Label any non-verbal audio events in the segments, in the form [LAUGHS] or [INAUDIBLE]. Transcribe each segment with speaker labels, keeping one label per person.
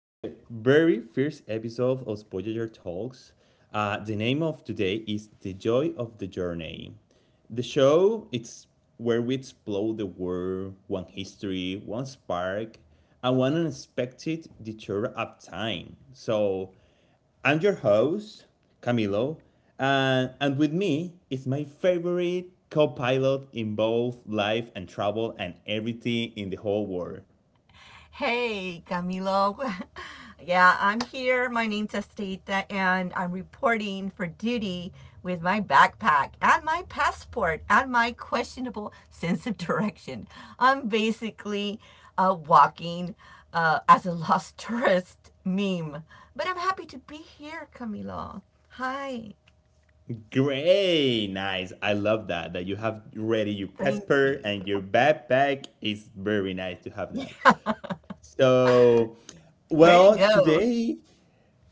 Speaker 1: to the very first episode of Voyager Talks. The name of today is The Joy of the Journey. The show it's where we explore the world, one history, one spark, and one unexpected detour of time. So I'm your host, Camilo, and, with me is my favorite co pilot in both life and travel and everything in the whole world.
Speaker 2: Hey, Camilo. [LAUGHS] Yeah, I'm here. My name's Esteta, and I'm reporting for duty with my backpack and my passport and my questionable sense of direction. I'm basically walking as a lost [LAUGHS] tourist meme, but I'm happy to be here, Camilo. Hi.
Speaker 1: Great, nice. I love that. That you have ready your
Speaker 2: Thank you.
Speaker 1: passport and your backpack is very nice to have
Speaker 2: [LAUGHS]
Speaker 1: that. So,
Speaker 2: Ready to
Speaker 1: well,
Speaker 2: go.
Speaker 1: today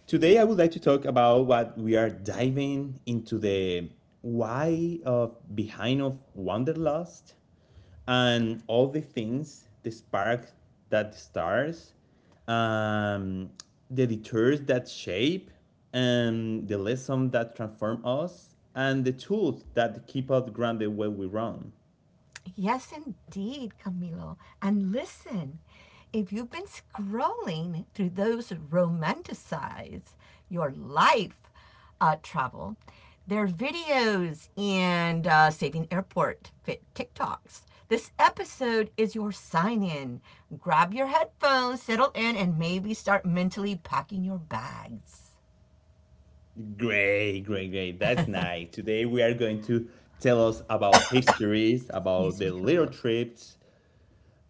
Speaker 1: today I would like to talk about what we are diving into the why of behind of wanderlust and all the things, the spark that stars, um, the detours that shape, and the lessons that transform us, and the tools that keep us grounded when we run.
Speaker 2: Yes, indeed, Camilo. And listen, if you've been scrolling through those romanticize your life travel, there are videos and Saving Airport Fit TikToks. This episode is your sign in. Grab your headphones, settle in, and maybe start mentally packing your bags.
Speaker 1: Great, great, great. That's nice. Today we are going to tell us about histories, about
Speaker 2: Excuse
Speaker 1: the
Speaker 2: me,
Speaker 1: little
Speaker 2: Camilo.
Speaker 1: trips.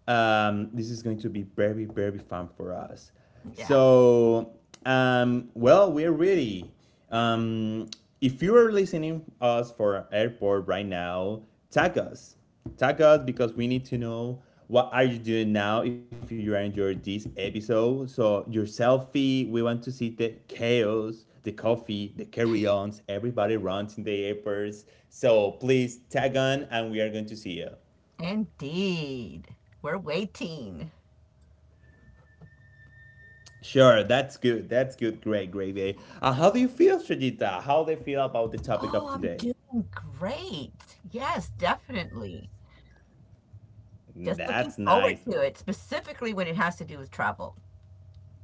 Speaker 1: This is going to be very, very fun for us.
Speaker 2: Yeah,
Speaker 1: So, well, we're ready. Um, if you are listening us for airport right now, tag us. Tag us because we need to know what are you doing now if you enjoyed this episode. So your selfie, we want to see the chaos, the coffee, the carry-ons, everybody runs in the airports. So please tag on and we are going to see you.
Speaker 2: indeed. We're waiting.
Speaker 1: Sure, that's good. That's good. Great, great day. How do you feel, Shajita? How do you feel about the topic of
Speaker 2: Oh, I'm
Speaker 1: today?
Speaker 2: doing great. Yes, definitely. Just looking
Speaker 1: That's
Speaker 2: forward
Speaker 1: nice.
Speaker 2: to it, specifically when it has to do with travel.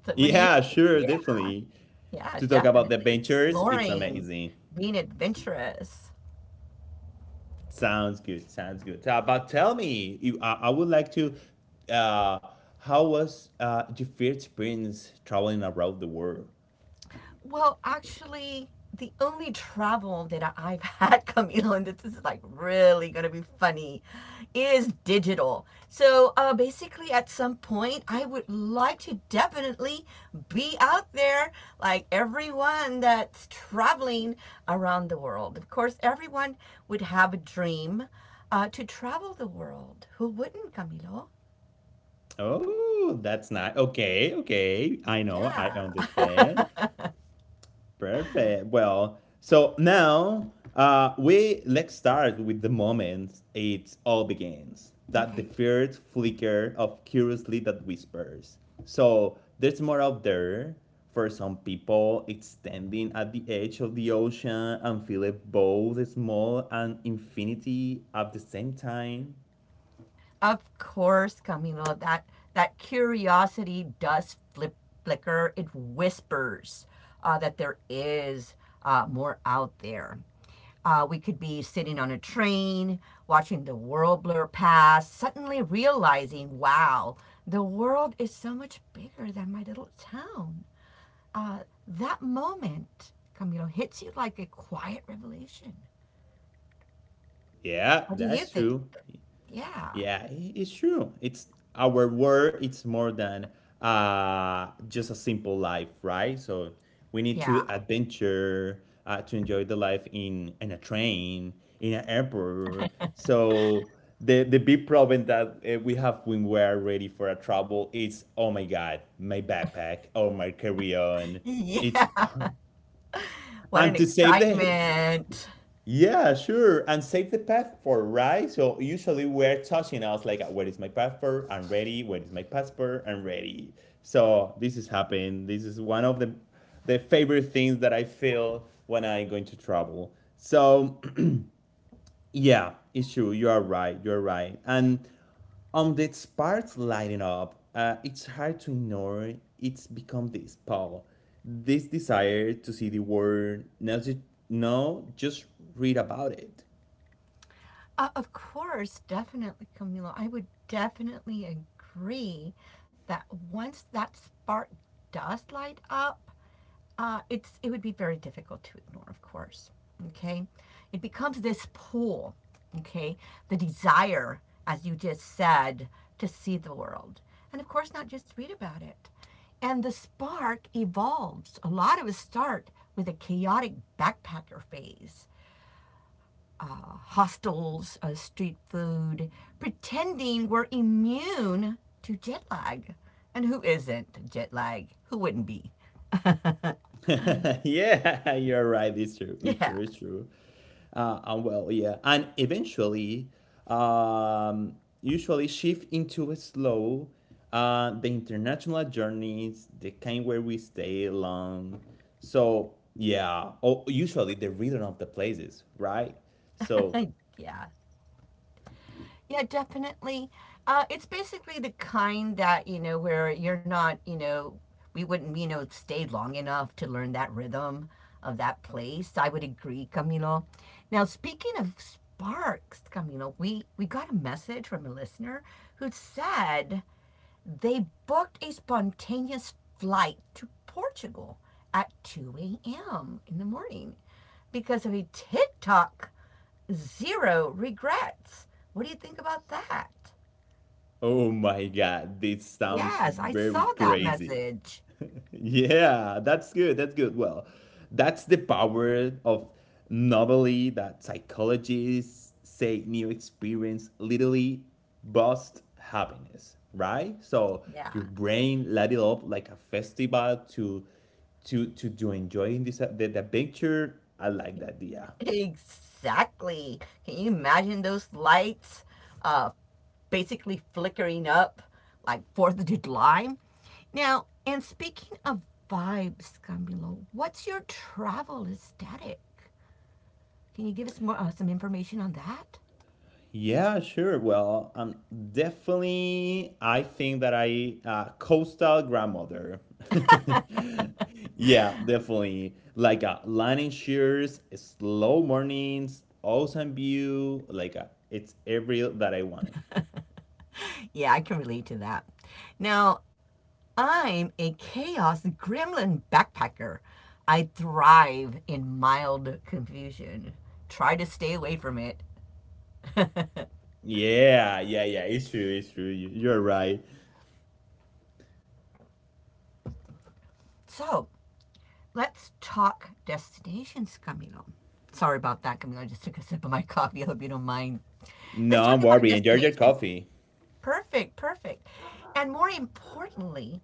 Speaker 2: So what do you
Speaker 1: Yeah,
Speaker 2: think?
Speaker 1: sure,
Speaker 2: Yeah,
Speaker 1: definitely.
Speaker 2: yeah,
Speaker 1: To talk about the
Speaker 2: definitely.
Speaker 1: adventures, it's
Speaker 2: Exploring,
Speaker 1: amazing.
Speaker 2: being adventurous.
Speaker 1: Sounds good. Sounds good. But tell me, you, I would like to. Uh, how was your first experience traveling around the world?
Speaker 2: Well, actually, the only travel that I've [LAUGHS] had, Camilo, and this is like really gonna be funny, is digital. So basically, at some point, I would like to definitely be out there like everyone that's traveling around the world. Of course, everyone would have a dream to travel the world. Who wouldn't, Camilo?
Speaker 1: Oh, that's nice. Okay, okay. I know. I understand.
Speaker 2: Yeah.
Speaker 1: Perfect. Well, so now we let's start with the moment it all begins.
Speaker 2: [LAUGHS]
Speaker 1: That the
Speaker 2: Okay.
Speaker 1: first flicker of curiously that whispers. So there's more out there. For some people, it's standing at the edge of the ocean and feeling both small and infinity at the same time.
Speaker 2: Of course, Camilo, that curiosity does flip flicker. It whispers that there is more out there. We could be sitting on a train, watching the world blur past, suddenly realizing, wow, the world is so much bigger than my little town. Uh, that moment, Camilo, hits you like a quiet revelation.
Speaker 1: Yeah,
Speaker 2: What do you
Speaker 1: that's
Speaker 2: think?
Speaker 1: true.
Speaker 2: Yeah.
Speaker 1: Yeah, it's true. It's our world. It's more than just a simple life, right? So we need
Speaker 2: Yeah.
Speaker 1: to
Speaker 2: [LAUGHS]
Speaker 1: adventure to enjoy the life in a train, in an airport. So the big problem that we have when we are ready for a travel is oh my god, my backpack or my carry on. It's
Speaker 2: Yeah.
Speaker 1: [LAUGHS]
Speaker 2: What an
Speaker 1: and to save the
Speaker 2: excitement.
Speaker 1: yeah, sure. And save the passport, right? So usually we're touching us like, where is my passport? I'm ready. Where is my passport? I'm ready. So this is happening. This is one of the favorite things that I feel when I'm going to travel. So [CLEARS THROAT] yeah, it's true. You are right. You're right. And on this part lighting up, it's hard to ignore. It's become this pull, this desire to see the world, not just, no, just read about it.
Speaker 2: Of course, definitely, Camila. I would definitely agree that once that spark does light up, it would be very difficult to ignore. Of course, okay, it becomes this pull, okay, the desire, as you just said, to see the world, and of course, not just read about it. And the spark evolves. A lot of us start with a chaotic backpacker phase hostels, street food, pretending we're immune to jet lag. And who isn't jet lag? Who wouldn't be?
Speaker 1: [LAUGHS] yeah, you're right. It's true. It's
Speaker 2: Yeah,
Speaker 1: true. It's true. And well, yeah, and eventually, um, usually shift into a slow, the international journeys, the kind where we stay long. So yeah, oh, usually the rhythm of the places, right?
Speaker 2: [LAUGHS]
Speaker 1: So
Speaker 2: yeah, yeah, definitely. It's basically the kind that, where you're not, we wouldn't, stay long enough to learn that rhythm of that place. I would agree, Camilo. Now, speaking of sparks, Camilo, we got a message from a listener who said they booked a spontaneous flight to Portugal at 2 a.m. in the morning because of a TikTok zero regrets. What do you think about that?
Speaker 1: oh my god, this sounds
Speaker 2: Yes, I
Speaker 1: very
Speaker 2: saw that
Speaker 1: crazy.
Speaker 2: message.
Speaker 1: Yeah, that's good. That's good. Well, that's the power of novelty that psychologists say new experience literally boosts happiness, right? So
Speaker 2: Yeah.
Speaker 1: your brain light it up like a festival to to enjoying this the picture. I like that idea.
Speaker 2: Exactly. Can you imagine those lights uh, basically flickering up like 4th of July? Now, and speaking of vibes, Camilo, what's your travel aesthetic? Can you give us more some information on that?
Speaker 1: Yeah, sure. Well, definitely, I think that I coastal grandmother. [LAUGHS] yeah, definitely. Like a landing shears, slow mornings, ocean view. It's every that I wanted.
Speaker 2: Yeah, I can relate to that. Now, I'm a chaos gremlin backpacker. I thrive in mild confusion. Try to stay away from it.
Speaker 1: Yeah, yeah, yeah. It's true. It's true. You're right.
Speaker 2: So, let's talk destinations, Camilo. Sorry about that, Camilo. I just took a sip of my [LAUGHS] coffee. I hope you don't mind. Let's
Speaker 1: No, I'm
Speaker 2: talk about
Speaker 1: worried. Enjoy your
Speaker 2: destinations.
Speaker 1: coffee.
Speaker 2: Perfect, perfect. And more importantly,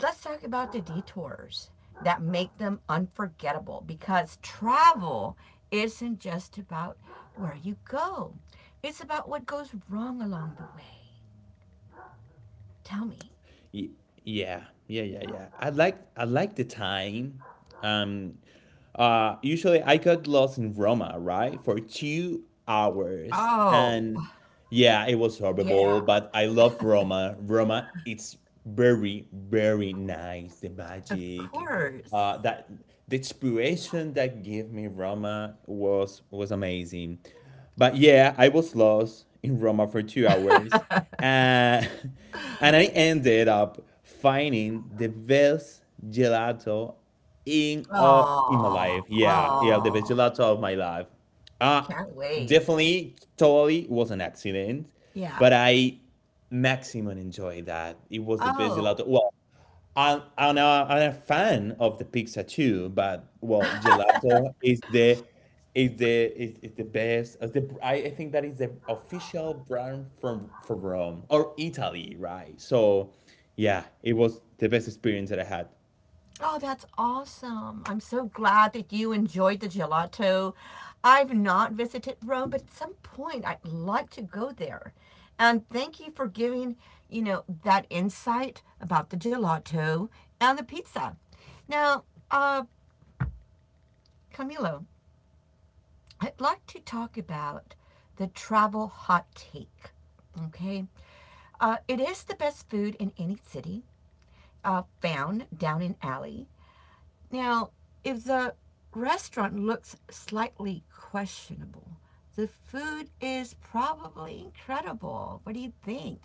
Speaker 2: let's talk about the detours that make them unforgettable because travel isn't just about where you go, it's about what goes wrong along the way. Tell me.
Speaker 1: Y- yeah, yeah, yeah, yeah. I like the time. Um, Usually I got lost in Roma, right? For 2 hours.
Speaker 2: Oh,
Speaker 1: And yeah, it was
Speaker 2: yeah,
Speaker 1: horrible, but I love Roma. Roma, it's very, very nice. The
Speaker 2: of
Speaker 1: magic,
Speaker 2: course.
Speaker 1: that the inspiration that gave me Roma was amazing. But yeah, I was lost in Roma for 2 hours. And [LAUGHS] and I ended up finding the best gelato in my
Speaker 2: Oh,
Speaker 1: life. Yeah, yeah, the best
Speaker 2: oh,
Speaker 1: gelato of my life. uh
Speaker 2: can't wait.
Speaker 1: Definitely totally was an accident,
Speaker 2: Yeah.
Speaker 1: but I maximum enjoyed that it was the best
Speaker 2: Oh,
Speaker 1: gelato. Well, I'm a fan of the pizza too, but well, gelato is is the best. I think that is the official brand from Rome or Italy, right? So yeah, it was the best experience that I had.
Speaker 2: oh, that's awesome. I'm so glad that you enjoyed the gelato. I've not visited Rome, but at some point I'd like to go there. And thank you for giving, that insight about the gelato and the pizza. Now, uh, Camilo, I'd like to talk about the travel hot take. Okay. It is the best food in any city. Found down an alley. Now, if the restaurant looks slightly questionable, the food is probably incredible. What do you think?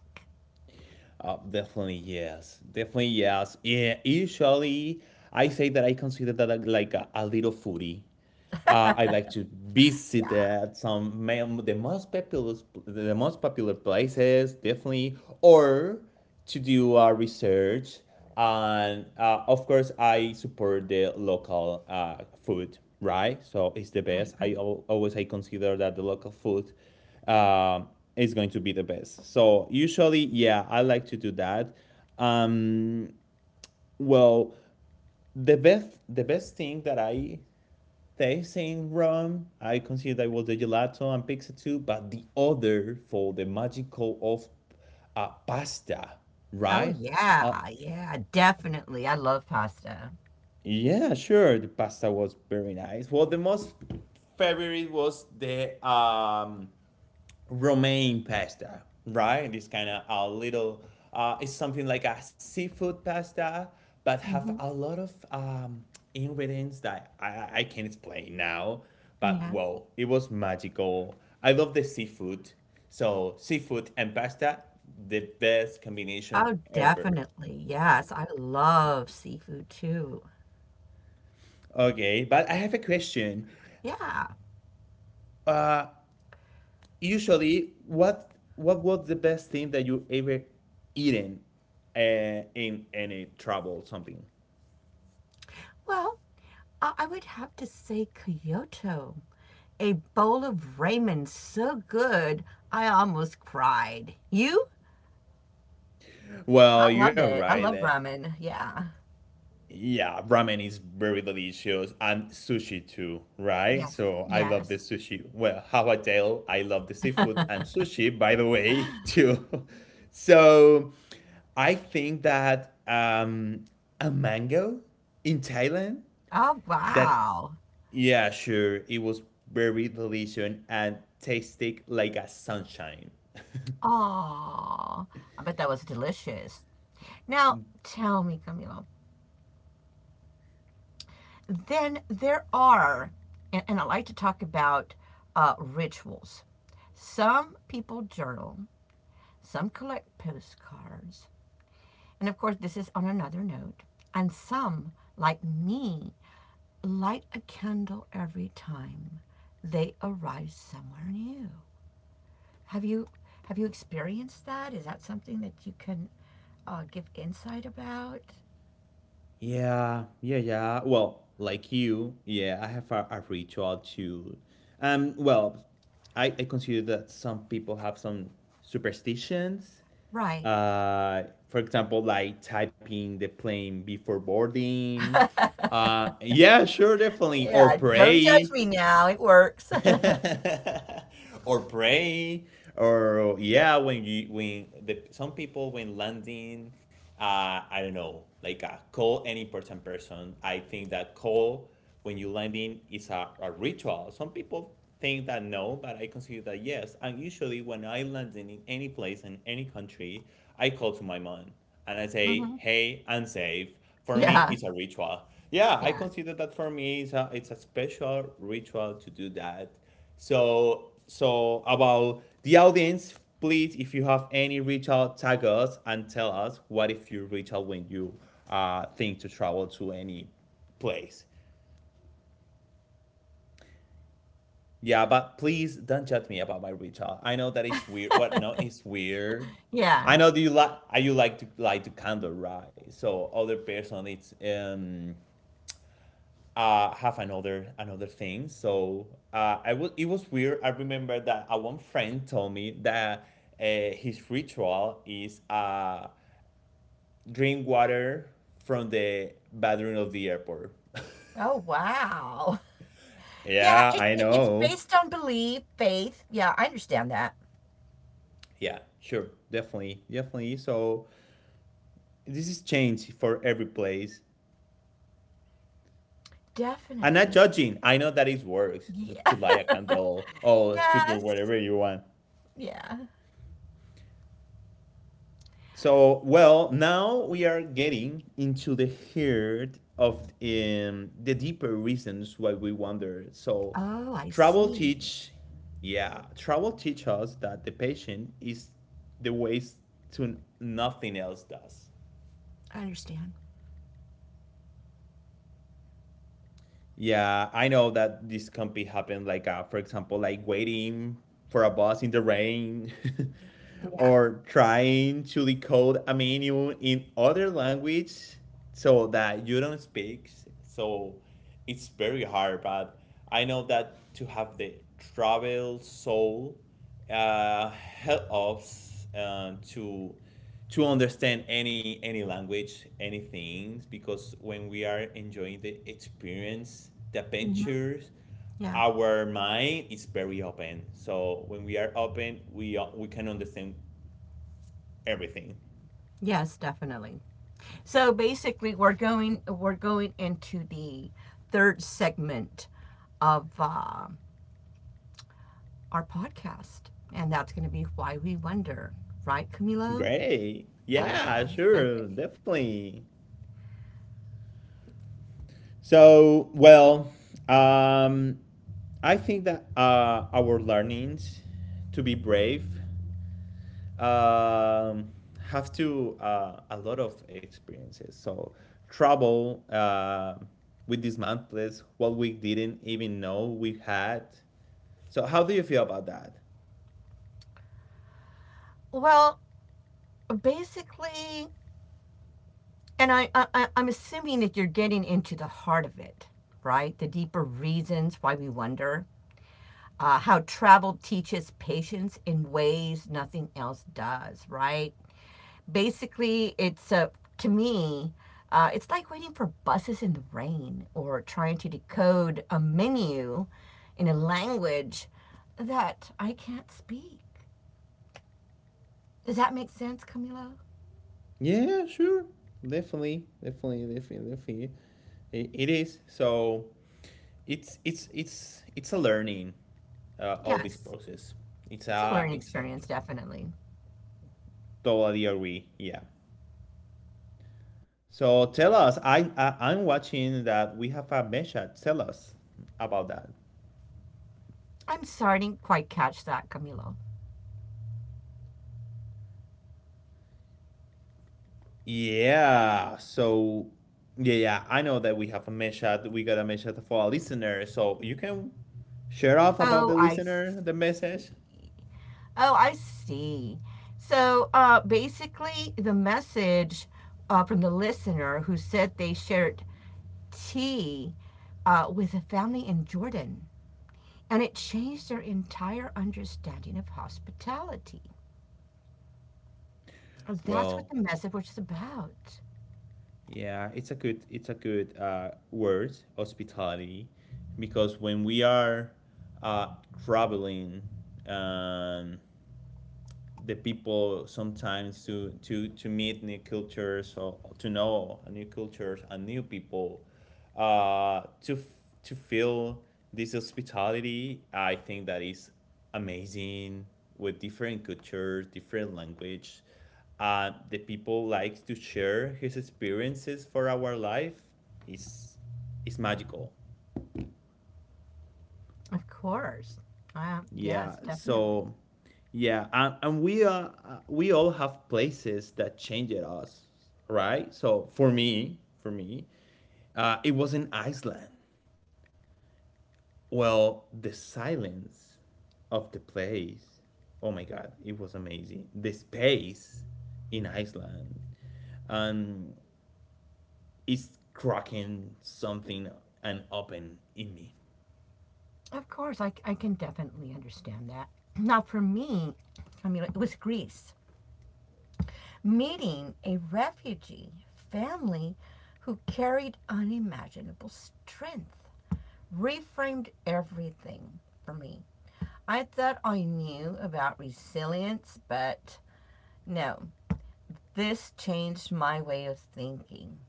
Speaker 1: Definitely yes. Definitely yes. Yeah. Usually, I say that I consider that like a little foodie. I like to visit
Speaker 2: Yeah,
Speaker 1: the most popular places definitely, or to do research. And of course, I support the local food, right? So it's the
Speaker 2: right,
Speaker 1: best.
Speaker 2: right.
Speaker 1: Always I consider that the local food um, is going to be the best. So usually, yeah, I like to do that. Um, well, the best thing that I taste in Rome, I consider that was the gelato and pizza too, but the other for the magical of pasta,
Speaker 2: Oh,
Speaker 1: right? Uh,
Speaker 2: yeah, yeah, definitely. I love pasta.
Speaker 1: yeah, sure. The pasta was very nice. Well, the most favorite was the romaine pasta, right? This kind of a little, it's something like a seafood pasta, but have
Speaker 2: Hmm.
Speaker 1: a lot of ingredients that I can't explain now. But
Speaker 2: Yeah.
Speaker 1: well, it was magical. I love the seafood. So seafood and pasta, the best combination
Speaker 2: Oh,
Speaker 1: ever.
Speaker 2: definitely. Yes, I love seafood too.
Speaker 1: Okay, but I have a question.
Speaker 2: Yeah.
Speaker 1: Uh, Usually what was the best thing that you ever eaten in any trouble or something.
Speaker 2: Well, I would have to say Kyoto. A bowl of ramen so good, I almost cried. You? I
Speaker 1: Well,
Speaker 2: love
Speaker 1: you're
Speaker 2: it. I
Speaker 1: right
Speaker 2: love
Speaker 1: that
Speaker 2: ramen. Yeah.
Speaker 1: yeah, ramen is very delicious and sushi too, right?
Speaker 2: Yes.
Speaker 1: So I love the
Speaker 2: Yes.
Speaker 1: sushi. Well, how I tell, I love the seafood and sushi, by the way [LAUGHS] too. So I think that a mango in Thailand,
Speaker 2: Oh,
Speaker 1: that
Speaker 2: wow.
Speaker 1: yeah, sure. It was very delicious and tasted like a sunshine.
Speaker 2: Oh, I bet that was delicious. Now, tell me, Camilo, then there are, and I like to talk about rituals. Some people journal, some collect postcards, and of course, this is on another note, and some, like me, light a candle every time they arrive somewhere new. Have you have you experienced that? Is that something that you can give insight about?
Speaker 1: Yeah, yeah, yeah. Well, like you, yeah, I have a ritual too. Well, I consider that some people have some superstitions.
Speaker 2: Right.
Speaker 1: For example, like typing the plane before boarding. Yeah, sure, definitely. Or
Speaker 2: Yeah. Don't judge
Speaker 1: pray.
Speaker 2: me now. It works.
Speaker 1: [LAUGHS] or pray or yeah, when you when the some people when landing, I don't know, like call any important person. I think that call when you landing is a ritual. Some people think that no, but I consider that yes. And usually when I land in any place in any country, I call to my mom and I
Speaker 2: [LAUGHS]
Speaker 1: say
Speaker 2: Hmm.
Speaker 1: hey and save. For me,
Speaker 2: Yeah.
Speaker 1: it's a ritual. Yeah, I
Speaker 2: Yeah.
Speaker 1: consider that for me it's a special ritual to do that. So so about the audience, please, if you have any ritual, tag us and tell us what if you ritual when you think to travel to any place. Yeah, but please don't judge me about my ritual. I know that it's weird. What? No, it's weird.
Speaker 2: Yeah.
Speaker 1: I know that you like. You like to candle, right? So other person, it's have another thing. So I was it was weird. I remember that a one friend told me that his ritual is drink water from the bathroom of the airport. [LAUGHS]
Speaker 2: Oh, wow. Yeah.
Speaker 1: Yeah,
Speaker 2: It,
Speaker 1: I
Speaker 2: it, it's
Speaker 1: know.
Speaker 2: based on belief, faith. Yeah, I understand that.
Speaker 1: Yeah, sure, definitely, definitely. So this is changed for every place. I'm not
Speaker 2: Definitely.
Speaker 1: judging. I know that it works
Speaker 2: Yeah.
Speaker 1: to light a candle
Speaker 2: [LAUGHS]
Speaker 1: or to do
Speaker 2: Yes.
Speaker 1: whatever you want.
Speaker 2: Yeah.
Speaker 1: So, well, now we are getting into the heart of the deeper reasons why we wander. So,
Speaker 2: Oh, I
Speaker 1: travel
Speaker 2: see.
Speaker 1: teach, yeah, travel teach us that the patient is the ways to nothing else does.
Speaker 2: I understand.
Speaker 1: Yeah, I know that this can be happen like for example, like waiting for a bus in the rain [LAUGHS]
Speaker 2: Yeah.
Speaker 1: or trying to decode a menu in other language so that you don't speak. So it's very hard, but I know that to have the travel soul uh, help us to understand any language, anything. Because when we are enjoying the experience, the
Speaker 2: Hmm.
Speaker 1: adventures,
Speaker 2: Yeah.
Speaker 1: our mind is very open. So when we are open, we can understand everything.
Speaker 2: Yes, definitely. So basically, we're going into the third segment of our podcast, and that's going to be why we wonder, right, Camilo?
Speaker 1: Great. Yeah,
Speaker 2: Oh, okay.
Speaker 1: sure, definitely. So well, um, I think that our learnings to be brave, um, have to a lot of experiences. So trouble with dismantles, what we didn't even know we had. So how do you feel about that?
Speaker 2: Well, basically, and I'm assuming that you're getting into the heart of it, right? The deeper reasons why we wonder. How travel teaches patience in ways nothing else does, right? Basically, it's a to me, it's like waiting for buses in the rain or trying to decode a menu in a language that I can't speak. Does that make sense, Camilo?
Speaker 1: Yeah, sure, definitely, definitely, definitely, definitely. It is. So it's a learning all this
Speaker 2: Yes,
Speaker 1: process. It's
Speaker 2: it's a
Speaker 1: a
Speaker 2: learning
Speaker 1: exact
Speaker 2: experience, definitely.
Speaker 1: totally agree. Yeah. So tell us, I'm watching that we have a measure. Tell us about that.
Speaker 2: I'm sorry, I didn't quite catch that, Camilo.
Speaker 1: Yeah. So yeah, yeah. I know that we have a measure. We got a measure for a listener. So you can share off about
Speaker 2: Oh,
Speaker 1: the listener, the message.
Speaker 2: I see. So basically, the message from the listener who said they shared tea with a family in Jordan. And it changed their entire understanding of hospitality. That's what the
Speaker 1: Well,
Speaker 2: message was about.
Speaker 1: yeah, it's a good word, hospitality, because when we are uh, traveling, um, the people sometimes to meet new cultures or to know new cultures and new people uh to to feel this hospitality. I think that is amazing with different cultures, different language. The people likes to share his experiences for our life is is magical.
Speaker 2: Of course.
Speaker 1: Yeah.
Speaker 2: Yes, definitely.
Speaker 1: Yeah, and we are we all have places that changed us, right? So for me, for me, it was in Iceland. Well, the silence of the place. Oh my God, it was amazing. The space in Iceland, um, is cracking something and open in me.
Speaker 2: Of course, I can definitely understand that. Now, for me, I mean, it was Greece. Meeting a refugee family who carried unimaginable strength reframed everything for me. I thought I knew about resilience, but no, this changed my way of thinking.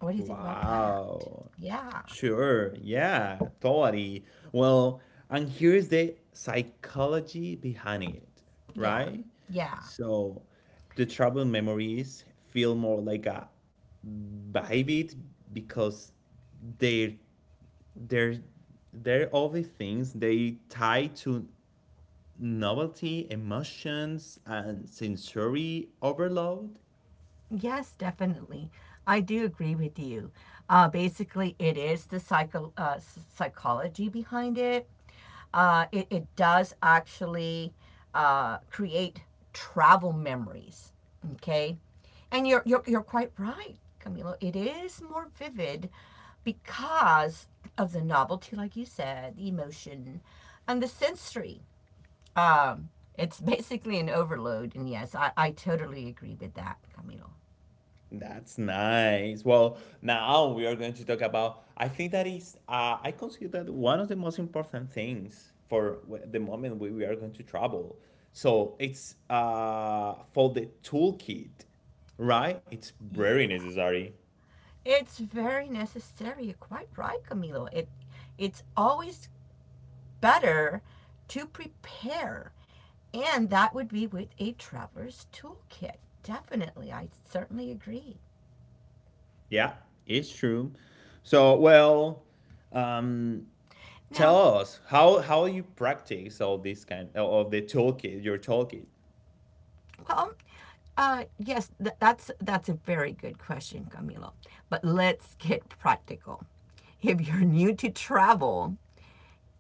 Speaker 2: What do you think about that?
Speaker 1: Wow.
Speaker 2: Yeah,
Speaker 1: Sure. Yeah, totally. Well, and here's the psychology behind it,
Speaker 2: yeah,
Speaker 1: right?
Speaker 2: yeah.
Speaker 1: So the troubled memories feel more like a vivid because they're they're they're all the things they tie to novelty, emotions, and sensory overload.
Speaker 2: Yes, definitely. I do agree with you. Basically, it is the psychology behind it. It does actually create travel memories. Okay. And you're quite right, Camilo. It is more vivid because of the novelty, like you said, the emotion, and the sensory. Um, it's [LAUGHS] basically an overload. And yes, I totally agree with that, Camilo.
Speaker 1: That's nice. Well, now we are going to talk about. I think that is, I consider that one of the most important things for the moment we are going to travel. So it's for the toolkit, right? It's very
Speaker 2: Yeah.
Speaker 1: necessary.
Speaker 2: It's very necessary. You're quite right, Camilo. It's always better to prepare, and that would be with a traveler's toolkit. Definitely. I certainly agree.
Speaker 1: Yeah, it's true. So, well, um, tell
Speaker 2: Now,
Speaker 1: us how you practice all this kind of the toolkit, your toolkit.
Speaker 2: well, yes, that's a very good question, Camilo. But let's get practical. If you're new to travel,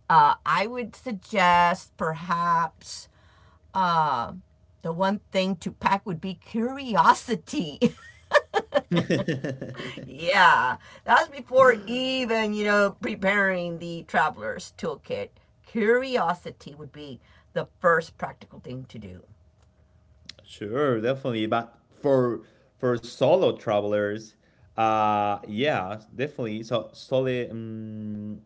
Speaker 2: I would suggest perhaps uh, the one thing to pack would be curiosity. [LAUGHS]
Speaker 1: [LAUGHS]
Speaker 2: Yeah, that's before even, preparing the traveler's toolkit. Curiosity would be the first practical thing to do.
Speaker 1: Sure, definitely. But for solo travelers, yeah, definitely. So soli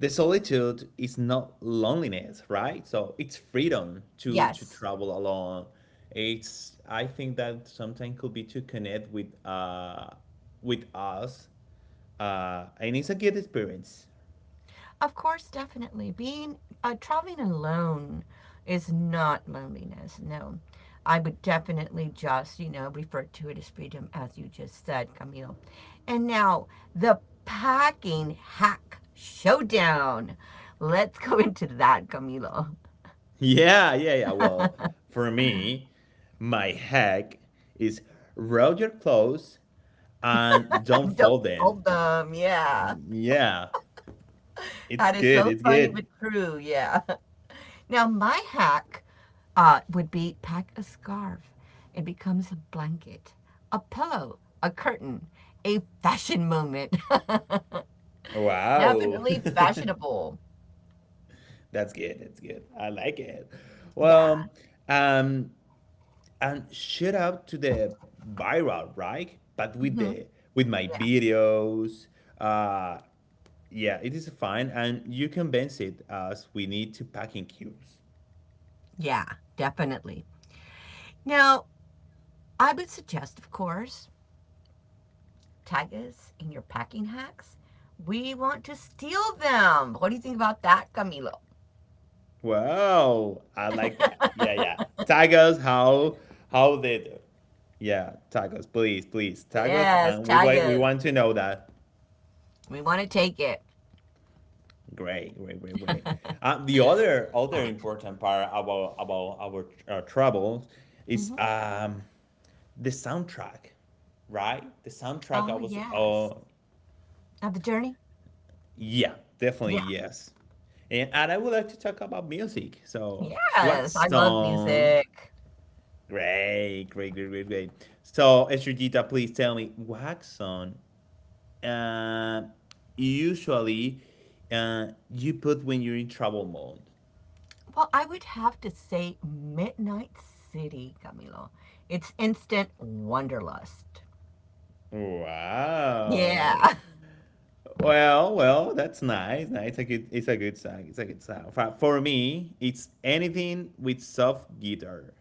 Speaker 1: the solitude is not loneliness, right? So it's freedom to
Speaker 2: Yes.
Speaker 1: travel alone. It's I think that sometimes could be to connect with us. And it's a good experience. [LAUGHS]
Speaker 2: Of course, definitely. Being traveling alone is not loneliness. No. I would definitely just, refer to it as freedom, as you just said, Camilo. And now, the packing hack showdown. Let's go [LAUGHS] into that, Camilo.
Speaker 1: Yeah. Well, for me, my hack is roll your clothes and don't
Speaker 2: Don't
Speaker 1: fold in.
Speaker 2: fold them, yeah.
Speaker 1: Yeah, it's
Speaker 2: That is
Speaker 1: good.
Speaker 2: so
Speaker 1: It's
Speaker 2: funny
Speaker 1: good.
Speaker 2: but true, yeah. [LAUGHS] Now my hack would be pack a scarf. It becomes a blanket, a pillow, a curtain, a fashion moment. [LAUGHS]
Speaker 1: Wow,
Speaker 2: Definitely
Speaker 1: [LAUGHS]
Speaker 2: fashionable.
Speaker 1: that's good. That's good. I like it.
Speaker 2: Yeah.
Speaker 1: Well, um, and shout out to the viral, right? But
Speaker 2: Hmm.
Speaker 1: with my
Speaker 2: Yeah.
Speaker 1: videos, uh, yeah, it is fine, and you convince it as we need to pack in cubes.
Speaker 2: Yeah, definitely. Now, I would suggest, of course, tag us in your packing hacks. We want to steal them. What do you think about that, Camilo?
Speaker 1: Wow, I like that. Yeah, yeah. Tag us how they do. Yeah, tag us, please, please tag us,
Speaker 2: Yes,
Speaker 1: and we
Speaker 2: tag
Speaker 1: wait. We
Speaker 2: us.
Speaker 1: want to know that.
Speaker 2: We want to take it.
Speaker 1: Great. The other
Speaker 2: [COUGHS] [CLEARS THROAT]
Speaker 1: important part about our travels is
Speaker 2: Hmm.
Speaker 1: the soundtrack, right? The soundtrack. I
Speaker 2: Oh,
Speaker 1: was
Speaker 2: yes.
Speaker 1: oh
Speaker 2: Of the journey?
Speaker 1: yeah, definitely
Speaker 2: Yeah.
Speaker 1: yes. And I would like to talk about music. So,
Speaker 2: Yeah.
Speaker 1: what
Speaker 2: Yes, I love
Speaker 1: song?
Speaker 2: music.
Speaker 1: Great. So, Estrellita, please tell me, wax on. Uh, Usually, you put when you're in travel mode.
Speaker 2: Well, I would have to say Midnight City, Camilo. It's instant wanderlust.
Speaker 1: Wow.
Speaker 2: Yeah.
Speaker 1: Well, well, that's nice. Nice. It's a good. It's a good song. It's a good song. For me, it's anything with soft guitar.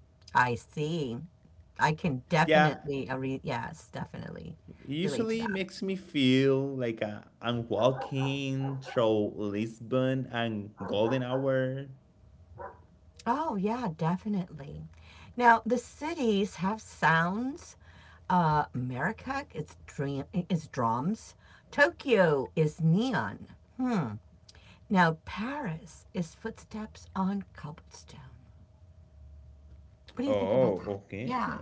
Speaker 2: [LAUGHS] I see. I can
Speaker 1: Yeah,
Speaker 2: definitely, yes, definitely relate to
Speaker 1: usually
Speaker 2: that.
Speaker 1: makes me feel like I'm walking through Lisbon and golden hour.
Speaker 2: Oh, yeah, definitely. Now, the cities have sounds. Marrakech is drums. Tokyo is neon. Hmm. Now, Paris is footsteps on cobblestone. What do you think about
Speaker 1: Oh,
Speaker 2: that?
Speaker 1: okay.
Speaker 2: Yeah,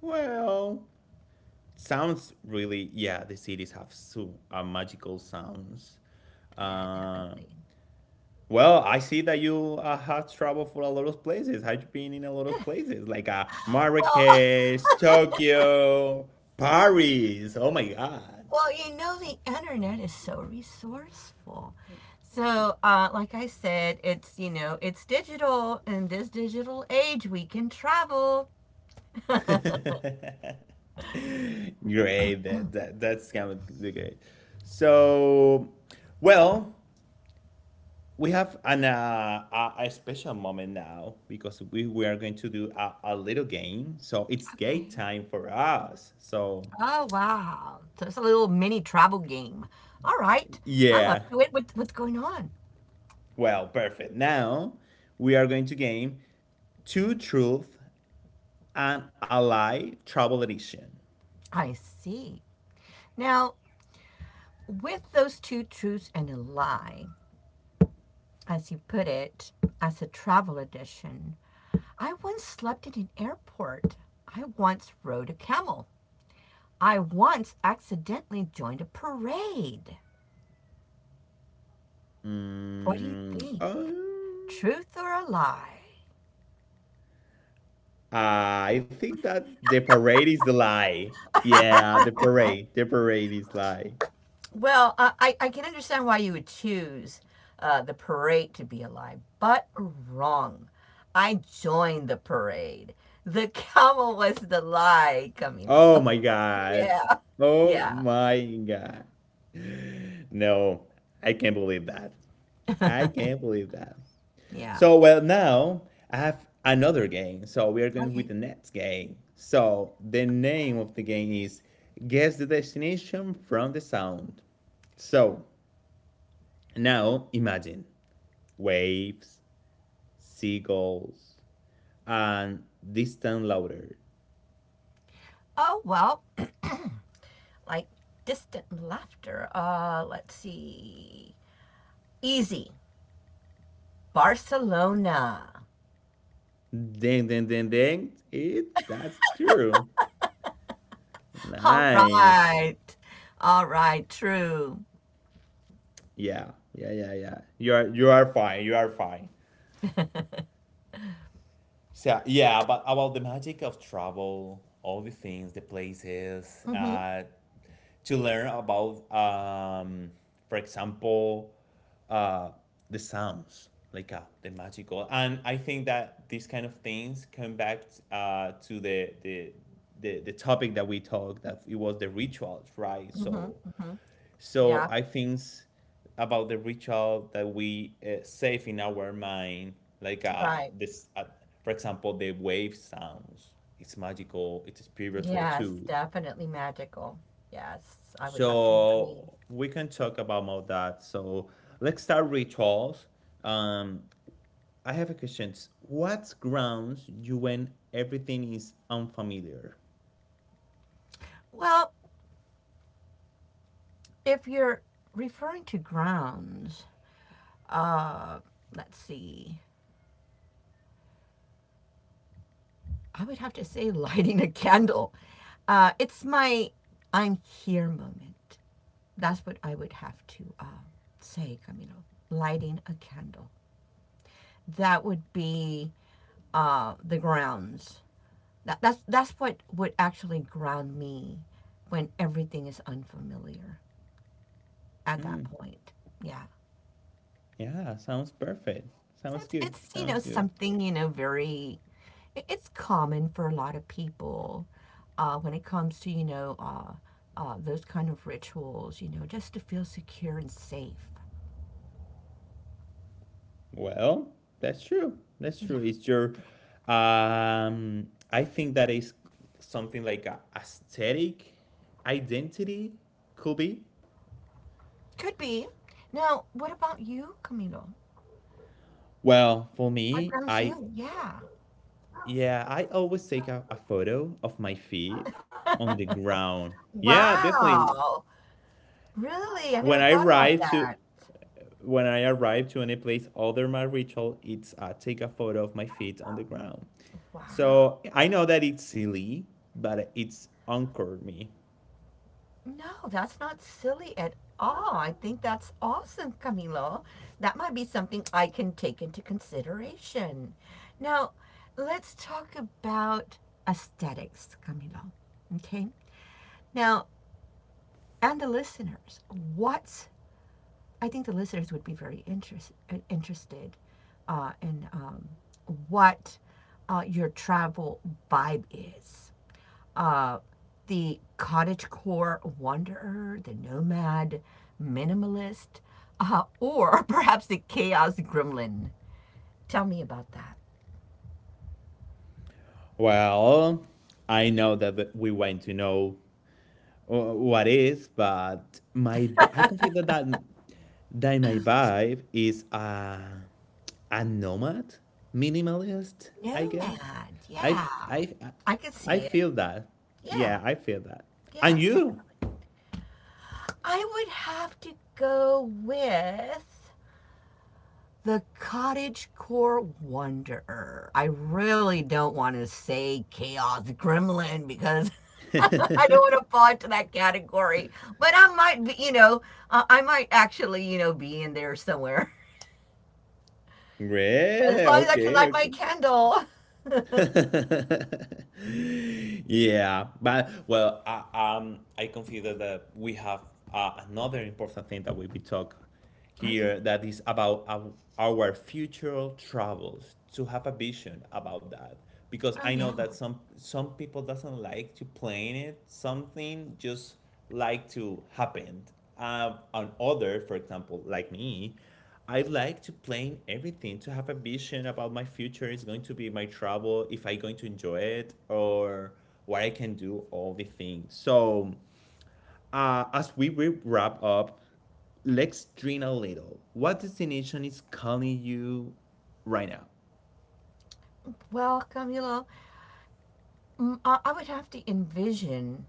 Speaker 1: Well, sounds really, yeah, the cities have so magical sounds.
Speaker 2: yeah,
Speaker 1: Uh,
Speaker 2: definitely.
Speaker 1: well, I see that you have traveled for a lot of places. Have you been in a lot of places? Like
Speaker 2: Well,
Speaker 1: Marrakesh, Tokyo, Paris. Oh my God.
Speaker 2: [LAUGHS] well, the internet is so resourceful. So, like I said, it's digital. In this digital age, we can travel.
Speaker 1: [LAUGHS] Great. That's kind of great. So, well, we have an a special moment now because we are going to do a little game. So it's game
Speaker 2: Okay.
Speaker 1: time for us. So
Speaker 2: Oh, wow. So it's a little mini travel game. All right. I'm up
Speaker 1: yeah,
Speaker 2: to it. What's going on?
Speaker 1: well, perfect. Now we are going to game two truth and a lie travel edition.
Speaker 2: I see. Now, with those two truths and a lie, as you put it, as a travel edition, I once slept in an airport. I once rode a camel. I once accidentally joined a parade. What do you
Speaker 1: mm,
Speaker 2: think?
Speaker 1: um,
Speaker 2: Truth or a lie?
Speaker 1: I think that the parade is the lie. Yeah, the parade is lie.
Speaker 2: Well, can understand why you would choose the parade to be a lie, but wrong. I joined the parade. The [LAUGHS] camel was the lie,
Speaker 1: Oh
Speaker 2: Camilo.
Speaker 1: my God.
Speaker 2: Yeah,
Speaker 1: Oh
Speaker 2: yeah,
Speaker 1: my God. [LAUGHS] No, I can't believe that. I can't believe that.
Speaker 2: yeah.
Speaker 1: So, well, now I have another game. So, we are going with
Speaker 2: Okay.
Speaker 1: the next game. So, the name of the game is Guess the Destination from the Sound. So, now imagine waves, seagulls, and distant louder.
Speaker 2: Oh, well, [CLEARS THROAT] like distant laughter. Let's see. Easy. Barcelona.
Speaker 1: Ding, ding, ding, ding. It, that's true.
Speaker 2: All
Speaker 1: Nice.
Speaker 2: right. All right, true.
Speaker 1: Yeah. You are fine. You are fine. So yeah, but about the magic of travel, all the things, the places,
Speaker 2: Mm-hmm,
Speaker 1: to learn about, for example, uh, the sounds, like the magical, and I think that these kind of things come back to the topic that we talked that it was the rituals, right?
Speaker 2: mm-hmm,
Speaker 1: So
Speaker 2: mm-hmm.
Speaker 1: so
Speaker 2: Yeah,
Speaker 1: I think about the ritual that we save in our mind, like
Speaker 2: right.
Speaker 1: this, for example, the wave sounds. It's magical. It's spiritual
Speaker 2: Yes,
Speaker 1: too.
Speaker 2: definitely magical. Yes, I would have to agree.
Speaker 1: So we can talk about more that. So let's start rituals. Um, I have a question. What grounds you when everything is unfamiliar?
Speaker 2: Well, if you're referring to grounds, uh, let's see. I would have to say [LAUGHS] lighting a candle. It's my I'm here moment. That's what I would have to say, Camilo. Lighting a candle. That would be the grounds. That's what would actually ground me when everything is unfamiliar at
Speaker 1: Hmm.
Speaker 2: that point. Yeah.
Speaker 1: Yeah, sounds perfect. Sounds
Speaker 2: It's,
Speaker 1: good.
Speaker 2: it's
Speaker 1: Sounds good.
Speaker 2: something, very, it's common for a lot of people when it comes to, those kind of rituals, just to feel secure and safe.
Speaker 1: Well, that's true. That's
Speaker 2: Yeah.
Speaker 1: true. It's your, I think that is something like a aesthetic identity could be.
Speaker 2: Could be. Now, what about you, Camilo?
Speaker 1: Well, for
Speaker 2: What
Speaker 1: me,
Speaker 2: grounds you? Yeah.
Speaker 1: yeah, I always take a photo of my feet on the ground. Yeah, definitely.
Speaker 2: Wow. Really? I
Speaker 1: When
Speaker 2: never
Speaker 1: I
Speaker 2: thought about
Speaker 1: arrive to,
Speaker 2: that.
Speaker 1: when I arrive to any place, other my ritual, it's take a photo of my feet on the ground.
Speaker 2: Wow.
Speaker 1: So I know that it's silly, but it's anchored me.
Speaker 2: No, that's not silly at all. I think that's awesome, Camilo. That might be something I can take into consideration. Now, let's talk about aesthetics, Camilo. Okay? Now, and the listeners, what I think the listeners would be very interested in what your travel vibe is uh, the cottagecore wanderer, the nomad, minimalist, or [LAUGHS] perhaps the chaos gremlin. Tell me about that.
Speaker 1: Well, I know that we want to know what is, but my I consider that my vibe is a nomad, minimalist. I guess
Speaker 2: Nomad,
Speaker 1: I
Speaker 2: yeah.
Speaker 1: f- I f-
Speaker 2: I can
Speaker 1: I
Speaker 2: see it.
Speaker 1: feel that.
Speaker 2: Yeah,
Speaker 1: Yeah, I feel that.
Speaker 2: yeah,
Speaker 1: And you?
Speaker 2: definitely. I would have to go with the cottage core wonder. I really don't want to say chaos gremlin because [LAUGHS] I don't want to fall into that category. But I might be, I might actually, be in there somewhere.
Speaker 1: [LAUGHS]
Speaker 2: [LAUGHS] As
Speaker 1: Great.
Speaker 2: long as I can
Speaker 1: Okay.
Speaker 2: light my
Speaker 1: Okay.
Speaker 2: candle. [LAUGHS] Okay.
Speaker 1: [LAUGHS] Yeah, but well, I consider that we have another important thing that we will talk here that is about our future travels to have a vision about that, because
Speaker 2: Oh,
Speaker 1: I know
Speaker 2: yeah.
Speaker 1: that some people doesn't like to plan it. Something just like to happen. On other, for example, like me, I like to plan everything to have a vision about my future is going to be my travel, if I going to enjoy it or what I can do, all the things. So as we wrap up, let's dream a little. What destination is calling you right now?
Speaker 2: Welcome, hello. I would have to envision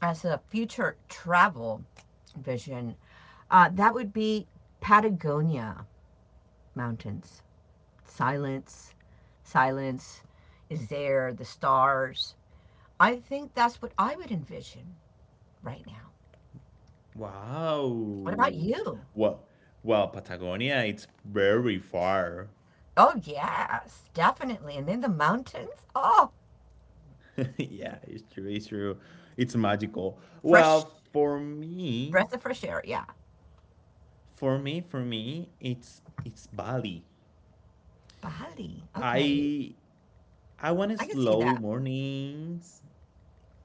Speaker 2: as a future travel vision, that would be Patagonia mountains, silence, silence is there, the stars. I think that's what I would envision right now. What about
Speaker 1: Wow.
Speaker 2: you?
Speaker 1: Well, well, Patagonia, it's very far.
Speaker 2: Oh, yes, definitely. And then the mountains. Oh,
Speaker 1: [LAUGHS] Yeah, it's true. It's true. It's magical.
Speaker 2: fresh
Speaker 1: Well, for me,
Speaker 2: breath of fresh air. Yeah.
Speaker 1: for me, it's Bali.
Speaker 2: Bali. Okay.
Speaker 1: I I want
Speaker 2: I can see
Speaker 1: slow
Speaker 2: that.
Speaker 1: mornings.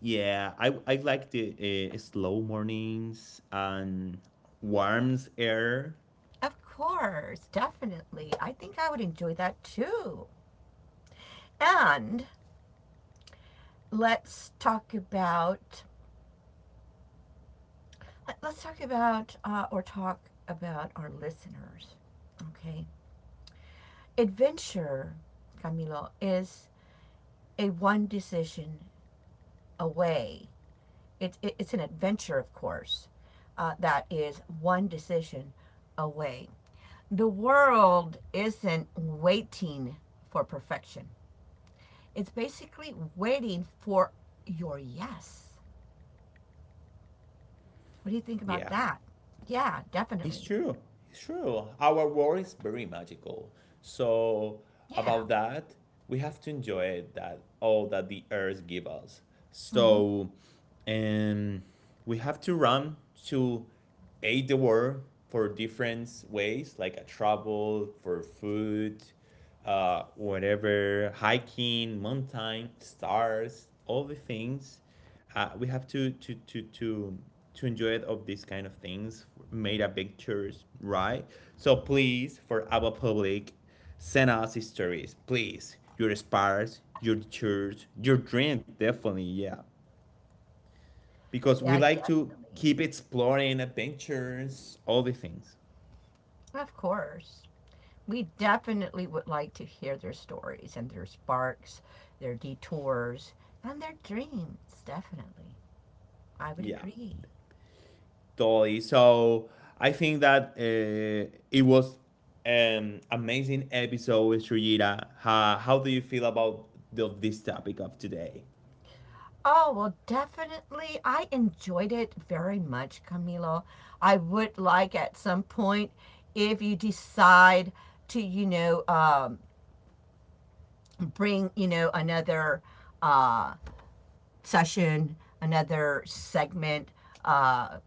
Speaker 1: Yeah, I like the slow mornings and warm air.
Speaker 2: Of course, definitely. I think I would enjoy that too. And let's talk about, or talk about our listeners. Okay. Adventure, Camilo, is a one decision away. It's an adventure, of course, that is one decision away. The world isn't waiting for perfection, it's basically waiting for your yes. What do you think about
Speaker 1: Yeah.
Speaker 2: that? Yeah,
Speaker 1: It's
Speaker 2: definitely.
Speaker 1: true. It's true. Our world is very magical. So
Speaker 2: Yeah.
Speaker 1: about that, we have to enjoy it, that all that the earth give us.
Speaker 2: Hmm.
Speaker 1: So and we have to run to aid the world for different ways, like a travel, for food, whatever, hiking, mountain, stars, all the things we have to enjoy it of these kind of things made up pictures right. So please for our public send us stories please your spars your church your dream definitely yeah because we
Speaker 2: Yeah,
Speaker 1: like to
Speaker 2: definitely.
Speaker 1: keep exploring adventures all the things.
Speaker 2: Of course. We definitely would like to hear their stories and their sparks, their detours, and their dreams. Definitely. I would
Speaker 1: Yeah.
Speaker 2: agree.
Speaker 1: Totally. So I think that it was an amazing episode with Shujira. How do you feel about this topic of today?
Speaker 2: Oh, well, definitely. I enjoyed it very much, Camilo. I would like at some point, if you decide to, bring, another uh, session, another segment, uh,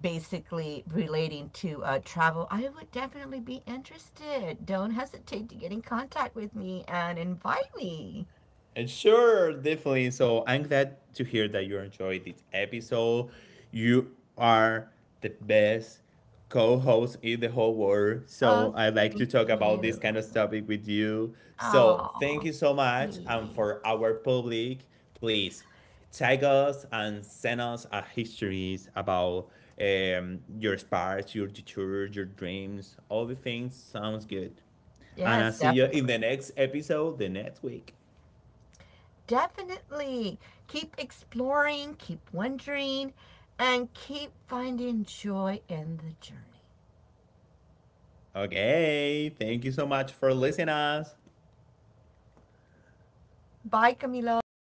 Speaker 2: basically relating to travel, I would definitely be interested. Don't hesitate to get in contact with me and invite me.
Speaker 1: And sure, definitely. So I'm glad to hear that you enjoyed this episode. You are the best co-host in the whole world.
Speaker 2: Oh,
Speaker 1: So I like to
Speaker 2: thank
Speaker 1: talk about this
Speaker 2: you.
Speaker 1: kind of topic with you. So thank
Speaker 2: Oh,
Speaker 1: you so much. And
Speaker 2: sweet.
Speaker 1: for our public, please tag us and send us histories about your sparks, your future, your dreams, all the things. Sounds good. And I'll
Speaker 2: Yes,
Speaker 1: see you in
Speaker 2: definitely.
Speaker 1: the next episode the next week.
Speaker 2: Definitely. Keep exploring, keep wondering, and keep finding joy in the journey.
Speaker 1: Okay, thank you so much for listening us.
Speaker 2: Bye, Camilo.